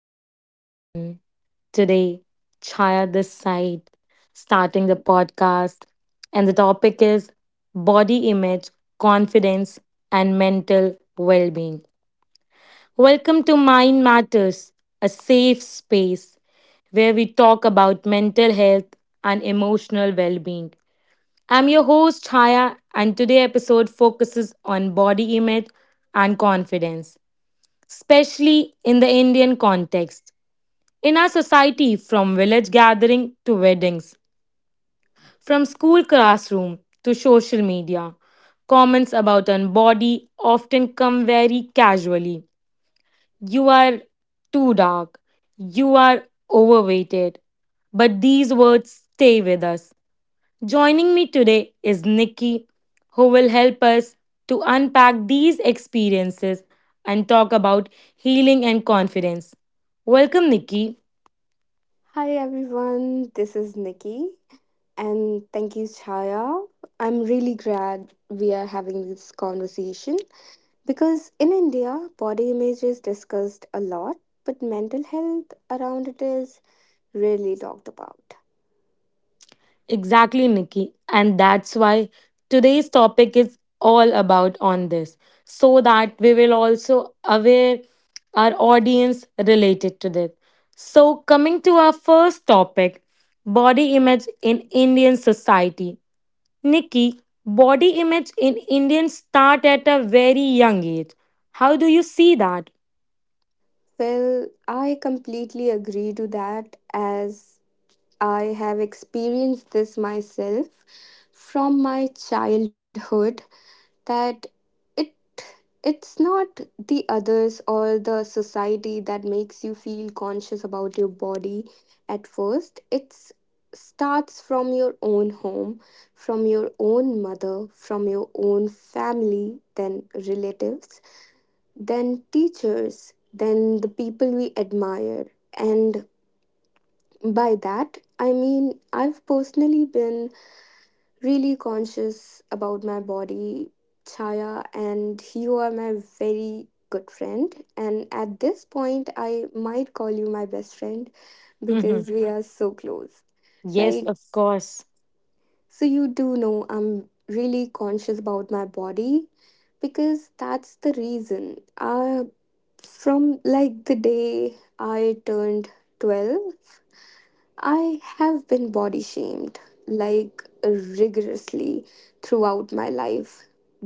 Hello, everyone. Today, Chaya this side, starting the podcast, and the topic is body image, confidence, and mental well being. Welcome to Mind Matters, a safe space where we talk about mental health and emotional well being. I'm your host, Chaya, and today episode focuses on body image and confidence, especially in the Indian context. In our society, from village gathering to weddings, from school classroom to social media, comments about our body often come very casually. You are too dark. You are overweighted. But these words stay with us. Joining me today is Nikki, who will help us to unpack these experiences and talk about healing and confidence. Welcome, Nikki. Hi everyone, this is Nikki and thank you, Chaya. I'm really glad we are having this conversation because in India, body image is discussed a lot, but mental health around it is rarely talked about. Exactly, Nikki. And that's why today's topic is all about on this, so that we will also aware our audience related to this. So, coming to our first topic body image in Indian society. Nikki, body image in Indians start at a very young age. How do you see that? Well, I completely agree to that as I have experienced this myself from my childhood that it it's not the others or the society that makes you feel conscious about your body. At first it starts from your own home, from your own mother, from your own family, then relatives, then teachers, then the people we admire. And by that I mean I've personally been really conscious about my body, Chaya, and you are my very good friend. And at this point, I might call you my best friend Mm-hmm. because we are so close, Yes, right? of course. So, you do know I'm really conscious about my body because that's the reason. From like the day I turned 12, I have been body shamed, like rigorously, throughout my life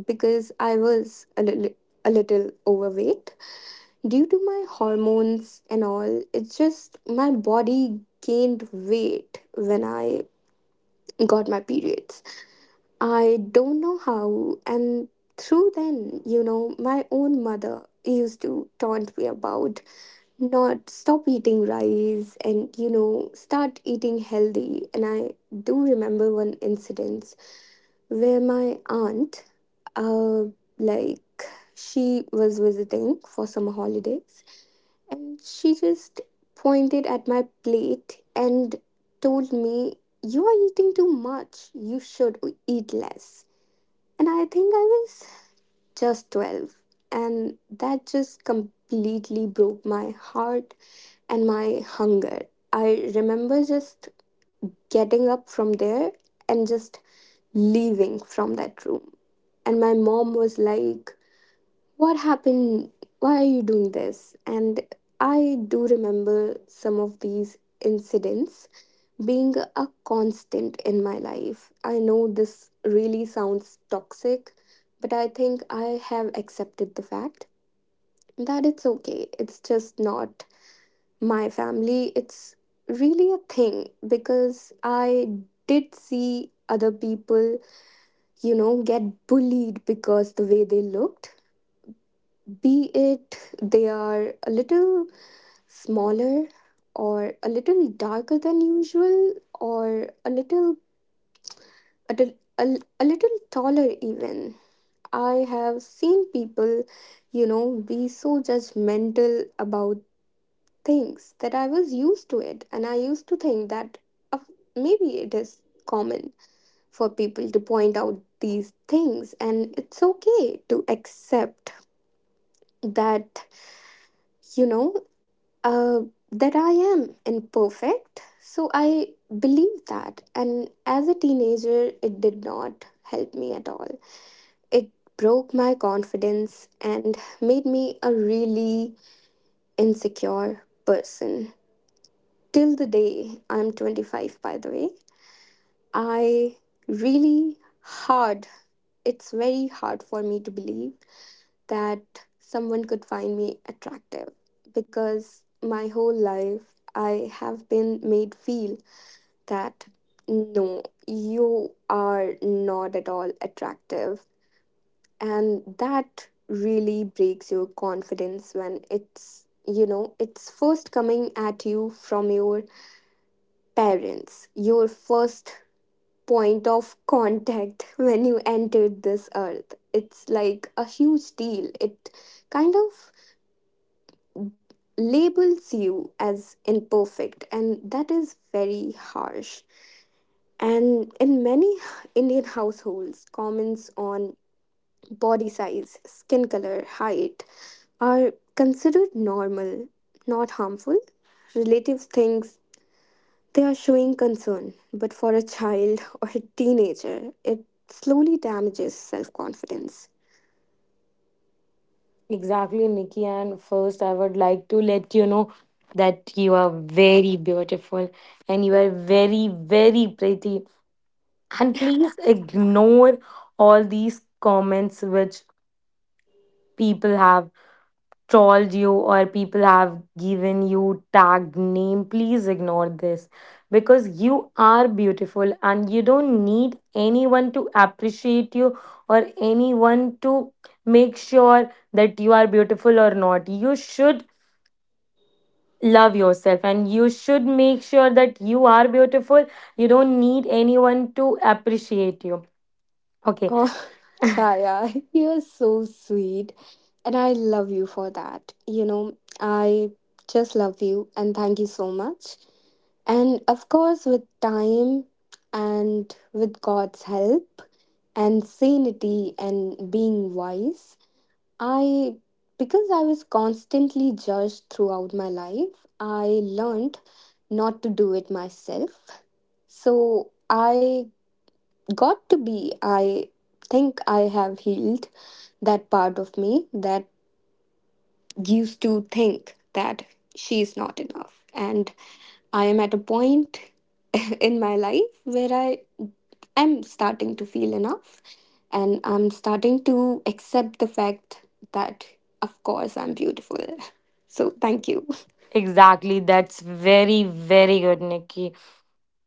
because I was a little overweight. Due to my hormones and all, it's just my body gained weight when I got my periods. I don't know how, and through then, my own mother used to taunt me about not stop eating rice and start eating healthy. And I do remember one incident where my aunt uh like she was visiting for some holidays, and she just pointed at my plate and told me, you are eating too much, you should eat less. And I think I was just 12, and that just completely broke my heart and my hunger. I remember just getting up from there and just leaving from that room. And my mom was like, what happened? Why are you doing this? And I do remember some of these incidents being a constant in my life. I know this really sounds toxic, but I think I have accepted the fact that it's okay. It's just not my family, it's really a thing because I did see other people, get bullied because the way they looked, be it they are a little smaller, or a little darker than usual, or a little a, di- a, l- a little taller even. I have seen people, be so judgmental about things that I was used to it, and I used to think that of maybe it is common for people to point out these things, and it's okay to accept that, you know uh, that I am imperfect. So I believe that, and as a teenager, it did not help me at all. It broke my confidence and made me a really insecure person. Till the day I'm 25, by the way, I really hard, it's very hard for me to believe that someone could find me attractive, because my whole life I have been made feel that no, you are not at all attractive. And that really breaks your confidence when it's, you know, it's first coming at you from your parents, your first point of contact when you entered this earth. It's like a huge deal. It kind of labels you as imperfect, and that is very harsh. And in many Indian households, comments on body size, skin color, height are considered normal, not harmful. Relative things. They are showing concern, but for a child or a teenager, it slowly damages self confidence. Exactly, Nikki. And first, I would like to let you know that you are very beautiful and you are very, very pretty. And please ignore all these comments which people have trolled you or people have given you tagged name, please ignore this, because you are beautiful and you don't need anyone to appreciate you or anyone to make sure that you are beautiful or not. You should love yourself and you should make sure that you are beautiful. You don't need anyone to appreciate you, okay? Oh, Chaya, you're so sweet, and I love you for that. You know, I just love you, and thank you so much. And of course, with time and with God's help and sanity and being wise, I, because I was constantly judged throughout my life, I learned not to do it myself. So I got to be, I think I have healed that part of me that used to think that she is not enough. And I am at a point in my life where I am starting to feel enough, and I'm starting to accept the fact that, of course, I'm beautiful. So, thank you. Exactly. That's very, very good, Nikki.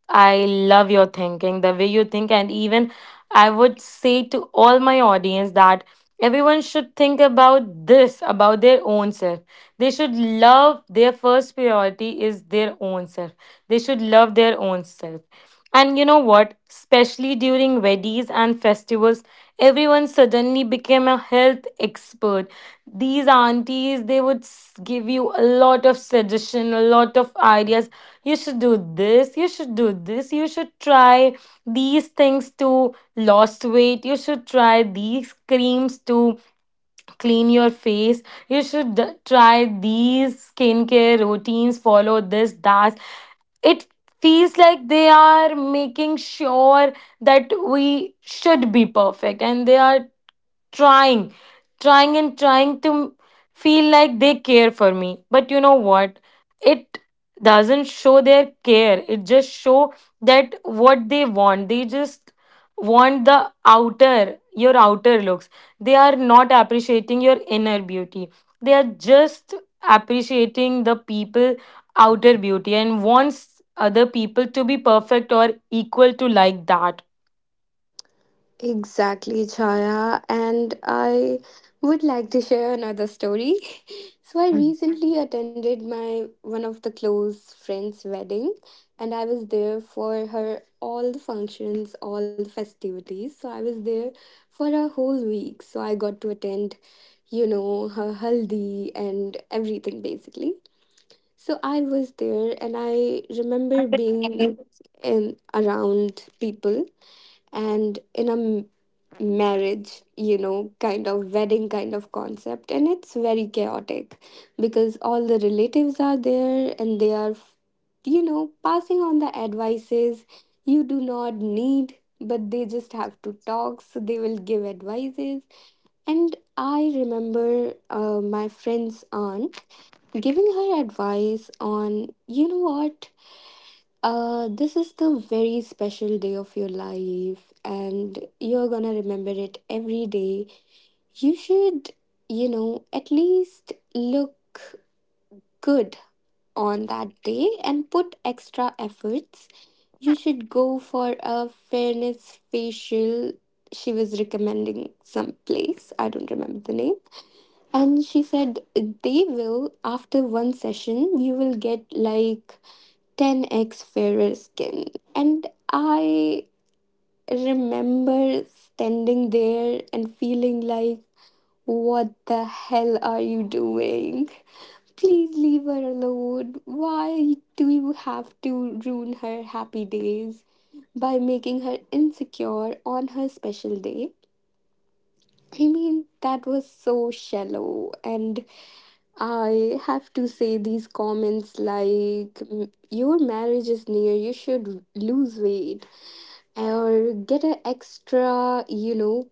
I love your thinking, the way you think. And even I would say to all my audience that everyone should think about this, about their own self. They should love their first priority is their own self. They should love their own self. And you know what? Especially during weddings and festivals, everyone suddenly became a health expert. These aunties, they would give you a lot of suggestion, a lot of ideas. You should do this, you should do this, you should try these things to lost weight, you should try these creams to clean your face, you should try these skincare routines, follow this that. It feels like they are making sure that we should be perfect and they are trying, trying to feel like they care for me. But you know what? It doesn't show their care. It just show that what they want. They just want the outer, your outer looks. They are not appreciating your inner beauty. They are just appreciating the people outer beauty and wants other people to be perfect or equal to like that. Exactly, Chaya. And I would like to share another story. So I recently attended my one of the close friends' wedding, and I was there for her all the functions, all the festivities. So I was there for a whole week. So I got to attend, you know, her haldi and everything basically. So I was there and I remember being in around people and in a marriage, you know, kind of wedding kind of concept. And it's very chaotic because all the relatives are there and they are, you know, passing on the advices you do not need, but they just have to talk. So they will give advices. And I remember my friend's aunt giving her advice on, you know what? This is the very special day of your life, and you're gonna remember it every day. You should, you know, at least look good on that day and put extra efforts. You should go for a fairness facial. She was recommending some place, I don't remember the name. And she said they will, after one session, you will get like 10x fairer skin. And I remember standing there and feeling like, what the hell are you doing? Please leave her alone. Why do you have to ruin her happy days by making her insecure on her special day? I mean, that was so shallow. And I have to say these comments like, "Mm, your marriage is near, you should lose weight or get an extra, you know,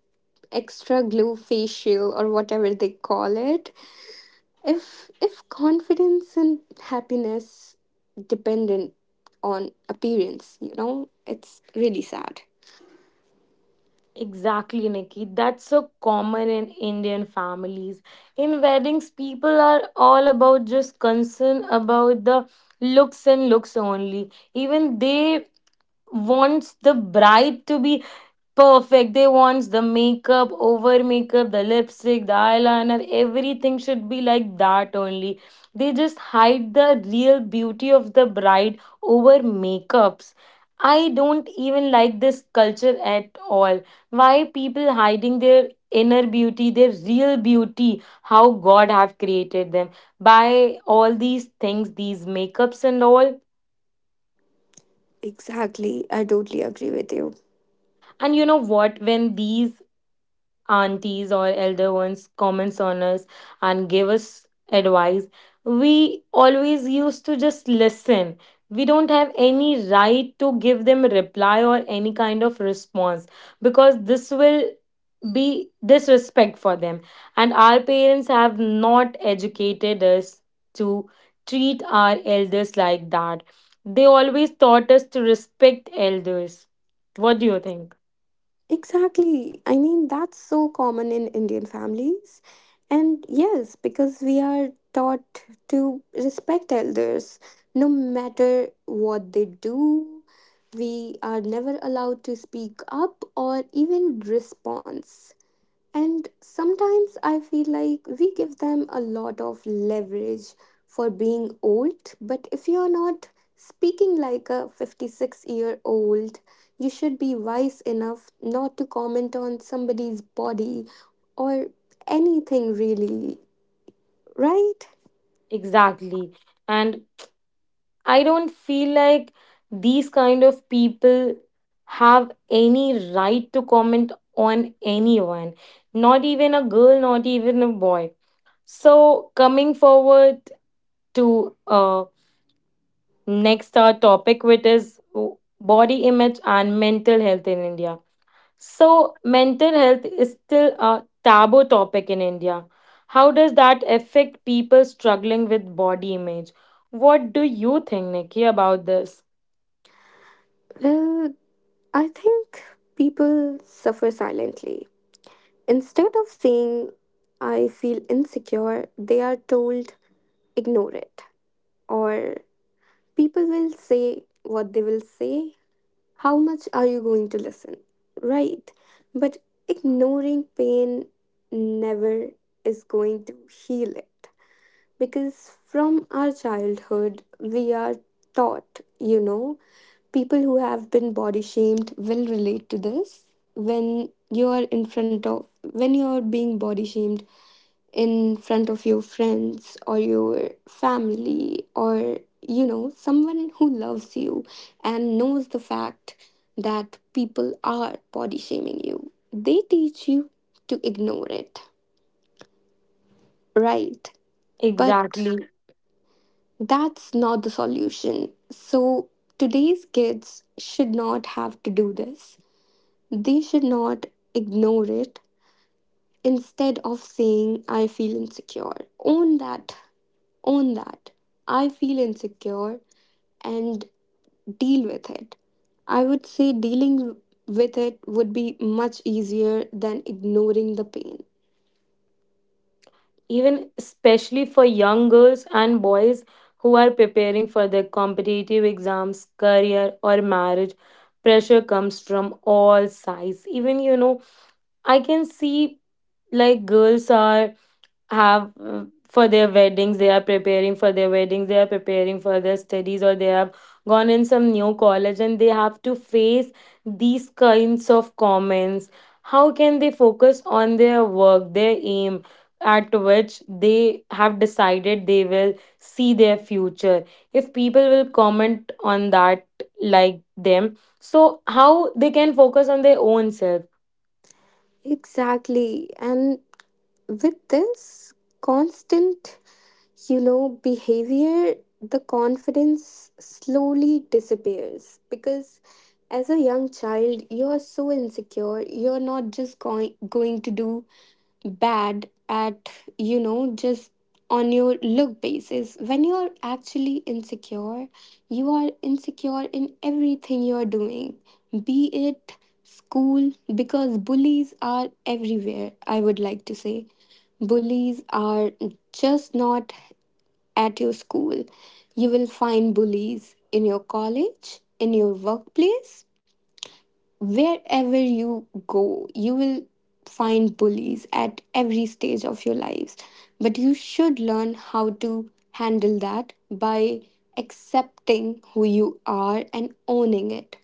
extra glow facial or whatever they call it." If confidence and happiness dependent on appearance, you know, it's really sad. Exactly, Nikki. That's so common in Indian families. In weddings, people are all about just concern about the looks and looks only. Even they wants the bride to be perfect. They wants the makeup, over makeup, the lipstick, the eyeliner, everything should be like that only. They just hide the real beauty of the bride over makeups. I don't even like this culture at all. Why people hiding their inner beauty, their real beauty, how God have created them by all these things, these makeups and all. Exactly. I totally agree with you. And you know what? When these aunties or elder ones comments on us and give us advice, we always used to just listen. We don't have any right to give them a reply or any kind of response, because this will be disrespect for them, and our parents have not educated us to treat our elders like that. They always taught us to respect elders. What do you think? Exactly. I mean, that's so common in Indian families. And yes, because we are taught to respect elders no matter what they do. We are never allowed to speak up or even respond. And sometimes I feel like we give them a lot of leverage for being old, but if you're not speaking like a 56-year-old, you should be wise enough not to comment on somebody's body or anything really, right? Exactly. And I don't feel like these kind of people have any right to comment on anyone, not even a girl, not even a boy. So, coming forward to next our topic, which is body image and mental health in India. So, mental health is still a taboo topic in India. How does that affect people struggling with body image? What do you think, Nikki, about this? Well, I think people suffer silently. Instead of saying, I feel insecure, they are told, ignore it, or people will say what they will say. How much are you going to listen? Right. But ignoring pain never is going to heal it. Because from our childhood, we are taught, you know, people who have been body shamed will relate to this. When you are in front of, when you are being body shamed, in front of your friends or your family or, you know, someone who loves you and knows the fact that people are body shaming you, they teach you to ignore it, right? But Exactly. that's not the solution. So today's kids should not have to do this. They should not ignore it. Instead of saying I feel insecure, own that. Own that. I feel insecure and deal with it. I would say dealing with it would be much easier than ignoring the pain. Even especially for young girls and boys who are preparing for their competitive exams, career, or marriage, pressure comes from all sides. Even, you know, I can see like girls are have for their weddings, they are preparing for their weddings, they are preparing for their studies, or they have gone in some new college and they have to face these kinds of comments. How can they focus on their work, their aim at which they have decided they will see their future, if people will comment on that like them? So how they can focus on their own self? Exactly. And with this constant, you know, behavior, the confidence slowly disappears because as a young child, you're so insecure. You're not just going to do bad at, you know, just on your look basis. When you're actually insecure, you are insecure in everything you're doing, be it school, because bullies are everywhere. I would like to say bullies are just not at your school. You will find bullies in your college, in your workplace, wherever you go, you will find bullies at every stage of your lives. But you should learn how to handle that by accepting who you are and owning it.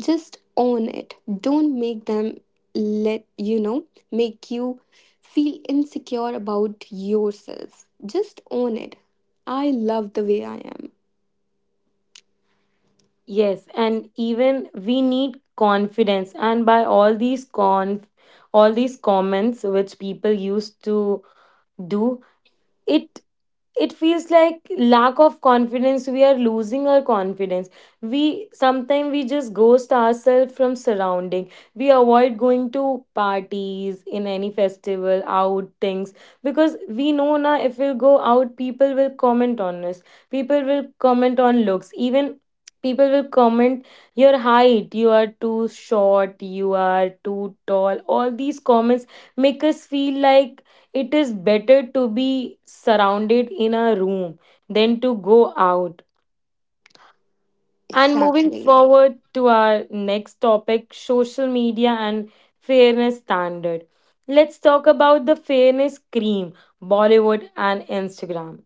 Just own it. Don't make them let you know, make you feel insecure about yourself. Just own it. I love the way I am. Yes, and even we need confidence. And by all these con all these comments which people used to do, it it feels like lack of confidence, we are losing our confidence. We sometimes we just ghost ourselves from surrounding, we avoid going to parties in any festival out things, because we know now if we'll go out, people will comment on us, people will comment on looks, even people will comment your height, you are too short, you are too tall. All these comments make us feel like it is better to be surrounded in a room than to go out. And moving Exactly. forward to our next topic social media and fairness standard. Let's talk about the fairness cream, Bollywood and Instagram.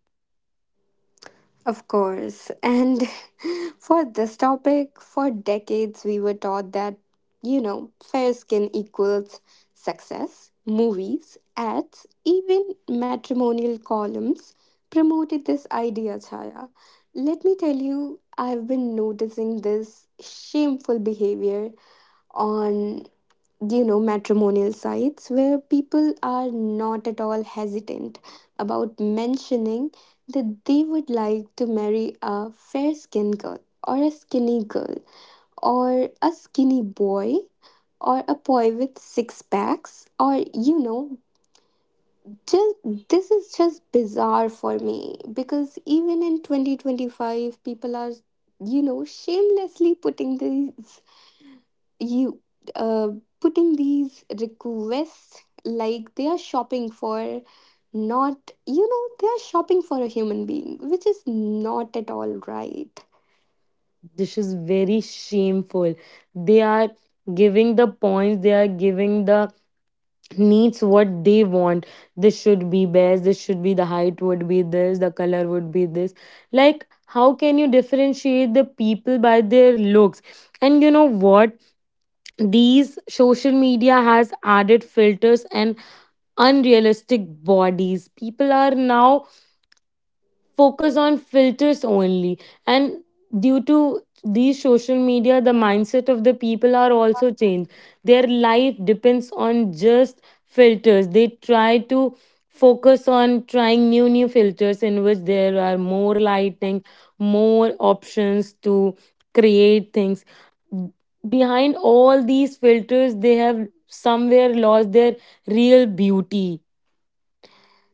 Of course. And for this topic, for decades, we were taught that, you know, fair skin equals success. Movies, ads, even matrimonial columns promoted this idea, Chaya. Let me tell you, I've been noticing this shameful behavior on, you know, matrimonial sites where people are not at all hesitant about mentioning that they would like to marry a fair skinned girl, or a skinny girl, or a skinny boy, or a boy with six packs, or, you know, just, this is just bizarre for me because even in 2025 people are, you know, shamelessly putting these you uh, putting these requests like they are shopping for, not, you know, they are shopping for a human being, which is not at all right. This is very shameful. They are giving the points, they are giving the needs what they want. This should be best, this should be the height would be this, the color would be this. Like, how can you differentiate the people by their looks? And you know what, these social media has added filters and unrealistic bodies. People are now focus on filters only, and due to these social media the mindset of the people are also changed. Their life depends on just filters. They try to focus on trying new new filters in which there are more lighting, more options to create things. Behind all these filters they have somewhere lost their real beauty.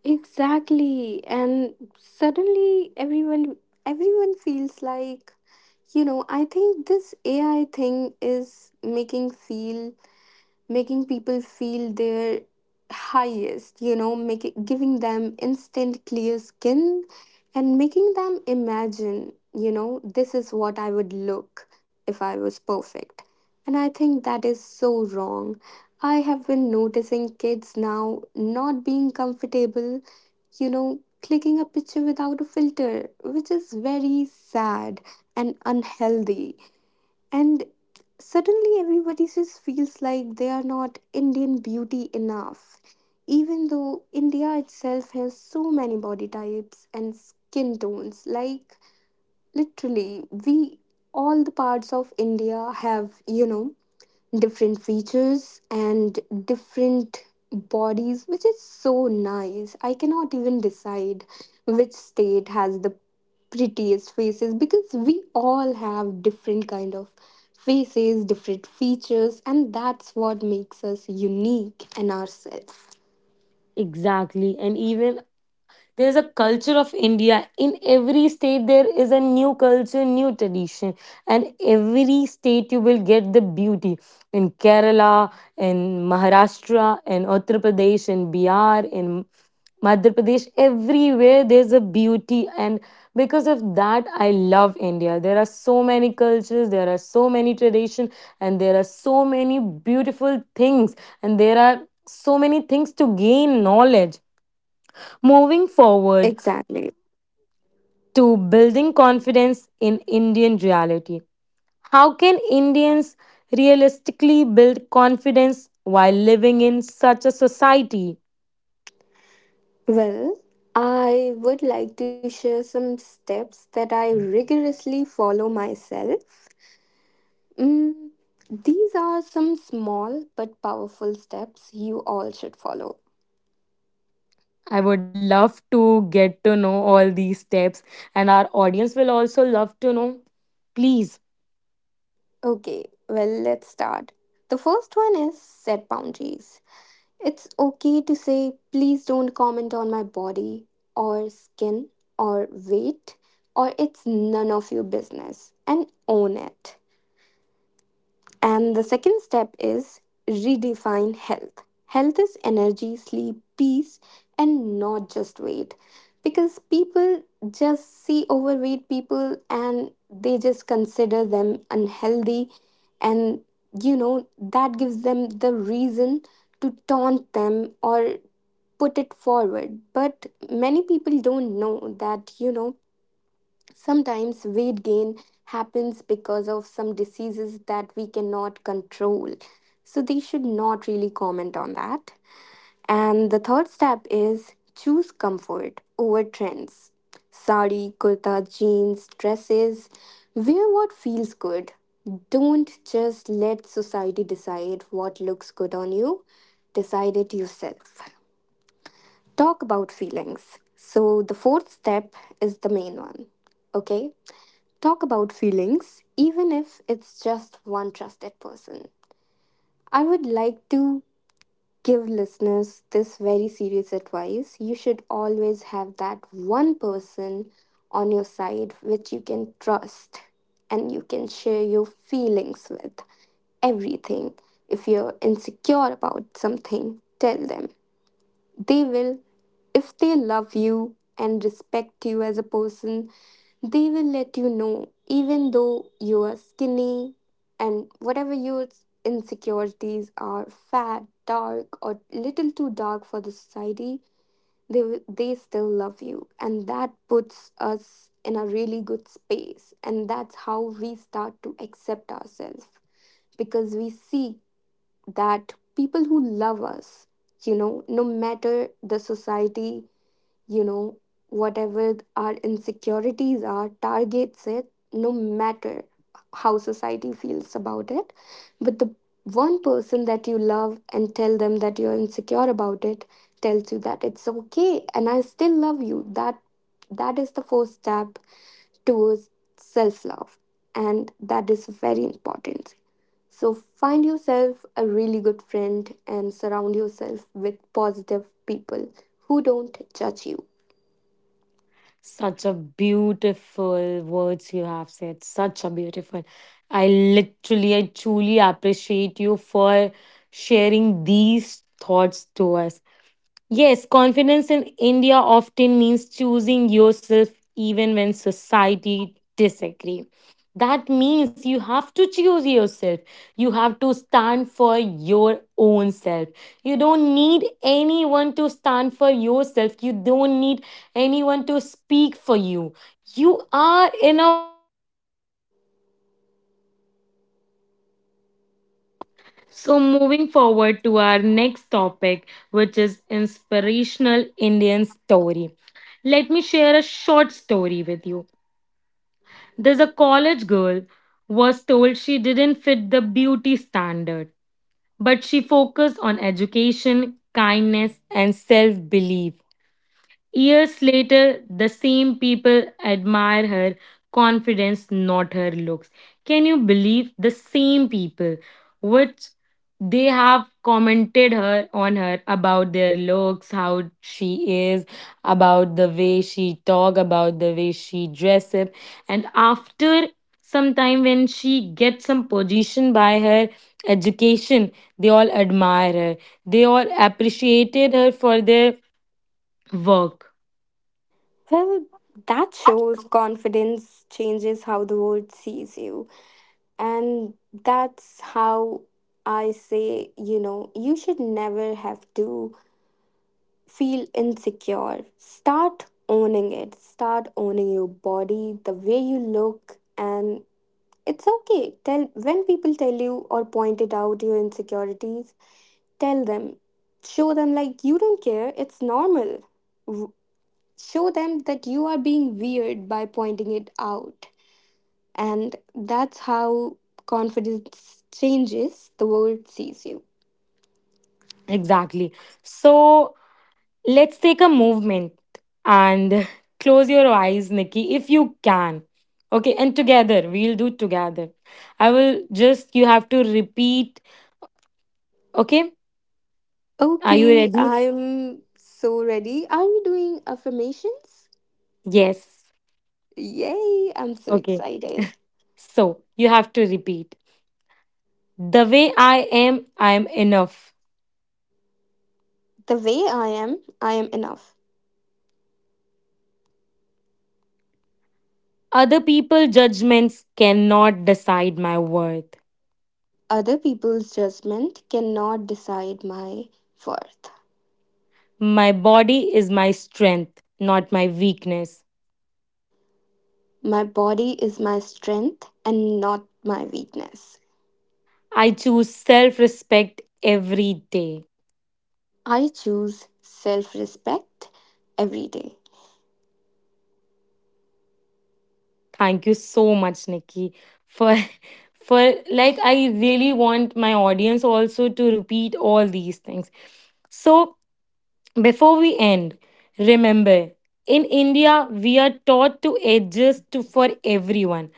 Exactly. And suddenly everyone feels like, you know, I think this AI thing is making feel, making people feel their highest, you know, making giving them instant clear skin and making them imagine, you know, this is what I would look if I was perfect. And I think that is so wrong. I have been noticing kids now not being comfortable, clicking a picture without a filter, which is very sad and unhealthy. And suddenly everybody just feels like they are not Indian beauty enough. Even though India itself has so many body types and skin tones, like literally, we all the parts of India have, different features and different bodies, which is so nice. I cannot even decide which state has the prettiest faces because we all have different kind of faces, different features, and that's what makes us unique in ourselves. Exactly, and even there's a culture of India. In every state there is a new culture, new tradition, and every state you will get the beauty. In Kerala, in Maharashtra, in Uttar Pradesh, in Bihar, in Madhya Pradesh, everywhere there's a beauty. And because of that I love India. There are so many cultures, there are so many tradition, and there are so many beautiful things, and there are so many things to gain knowledge. Moving Exactly. forward to building confidence in Indian reality. How can Indians realistically build confidence while living in such a society? Well, I would like to share some steps that I rigorously follow myself. Mm, these are some small but powerful steps you all should follow. I would love to get to know all these steps, and our audience will also love to know. Please, Okay, well, let's start. The first one is set boundaries. It's okay to say, please don't comment on my body or skin or weight, or it's none of your business, and own it. And the second step is redefine health. Health is energy, sleep, peace, and not just weight. Because people just see overweight people and they just consider them unhealthy. And that gives them the reason to taunt them or put it forward. But many people don't know that, sometimes weight gain happens because of some diseases that we cannot control. So they should not really comment on that. And the third step is choose comfort over trends. Sari, kurta, jeans, dresses. Wear what feels good. Don't just let society decide what looks good on you. Decide it yourself. Talk about feelings. So the fourth step is the main one. Okay? Talk about feelings, even if it's just one trusted person. I would like to give listeners this very serious advice. You should always have that one person on your side which you can trust and you can share your feelings with. Everything. If you're insecure about something, tell them. They will, if they love you and respect you as a person, they will let you know, even though you are skinny and whatever your insecurities are, fat, dark, or little too dark for the society, they still love you. And that puts us in a really good space. And that's how we start to accept ourselves because we see that people who love us, you know, no matter the society, you know, whatever our insecurities are, targets it, no matter how society feels about it. But the one person that you love and tell them that you're insecure about it tells you that it's okay and I still love you. That is the first step towards self-love, and that is very important. So find yourself a really good friend and surround yourself with positive people who don't judge you. such a beautiful words you have said. Such a beautiful. I literally, I truly appreciate you for sharing these thoughts to us. Yes, confidence in India often means choosing yourself even when society disagree. That means you have to choose yourself. You have to stand for your own self. You don't need anyone to stand for yourself. You don't need anyone to speak for you. You are enough So, moving forward to our next topic, which is inspirational Indian story. Let me share a short story with you. There's a college girl was told she didn't fit the beauty standard, but she focused on education, kindness, and self-belief. Years later, the same people admire her confidence, not her looks. Can you believe the same people which they have commented her on her about their looks, how she is, about the way she talk, about the way she dress up, and after some time when she gets some position by her education, they all admire her. They all appreciated her for their work. Well, that shows confidence changes how the world sees you. And that's how I say, you know, you should never have to feel insecure. Start owning it, start owning your body, the way you look, and it's okay. Tell when people tell you or point it out your insecurities. Tell them, show them like you don't care, it's normal. W- Show them that you are being weird by pointing it out. And that's how confidence changes, the world sees you. Exactly. So let's take a movement and close your eyes, Nikki, if you can. Okay, and together, we'll do together. I will just, you have to repeat. Okay, are you Okay, ready? I'm so ready. Are we doing affirmations? Yes. Yay, I'm so Okay, excited. so you have to repeat. The way I am enough. The way I am enough. Other people' judgments cannot decide my worth. Other people's judgment cannot decide my worth. My body is my strength, not my weakness. My body is my strength and not my weakness. I choose self respect every day. I choose self respect every day. Thank you so much, Nikki, for for I really want my audience also to repeat all these things. So before we end, remember in India we are taught to adjust to for everyone,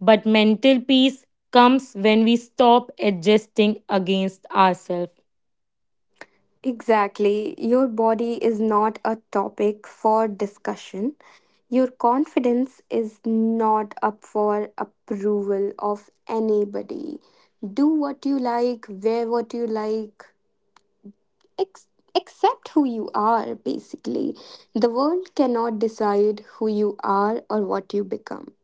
but mental peace comes when we stop adjusting against ourselves. Exactly. Your body is not a topic for discussion. Your confidence is not up for approval of anybody. Do what you like, wear what you like, ex- accept who you are, basically. The world cannot decide who you are or what you become.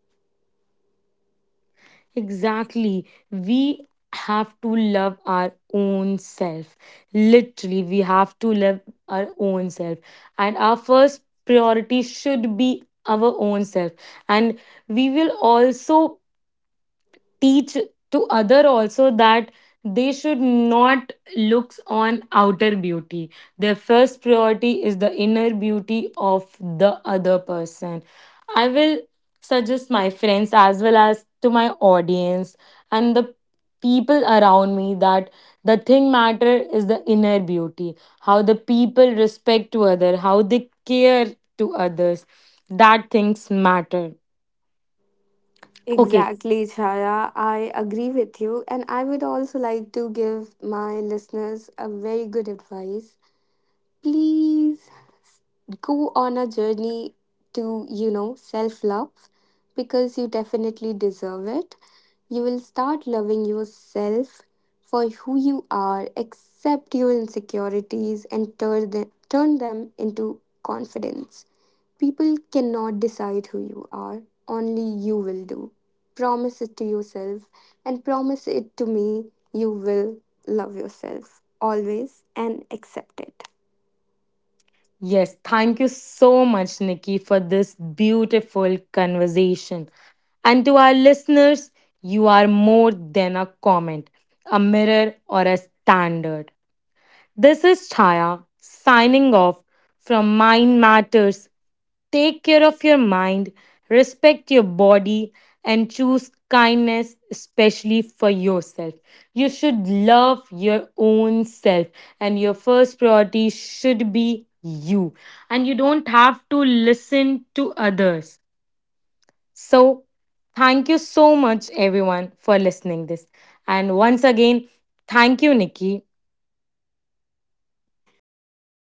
Exactly. We have to love our own self. Literally, we have to love our own self. And our first priority should be our own self. And we will also teach to other also that they should not look on outer beauty, their first priority is the inner beauty of the other person. I will suggest my friends as well as to my audience and the people around me that the thing matter is the inner beauty, how the people respect to other, how they care to others, that things matter. Okay. Exactly, Chaya. I agree with you. And I would also like to give my listeners a very good advice. Please go on a journey to, you know, self love because you definitely deserve it. You will start loving yourself for who you are, accept your insecurities, and turn them into confidence. People cannot decide who you are, only you will do. Promise it to yourself and promise it to me. You will love yourself always and accept it. Yes, thank you so much, Nikki, for this beautiful conversation. And to our listeners, you are more than a comment, a mirror, or a standard. This is Chaya signing off from Mind Matters. Take care of your mind, respect your body, and choose kindness, especially for yourself. You should love your own self, and your first priority should be you. And you don't have to listen to others. So, thank you so much, everyone, for listening this. And once again, thank you, Nikki, Thank you, Chaya. I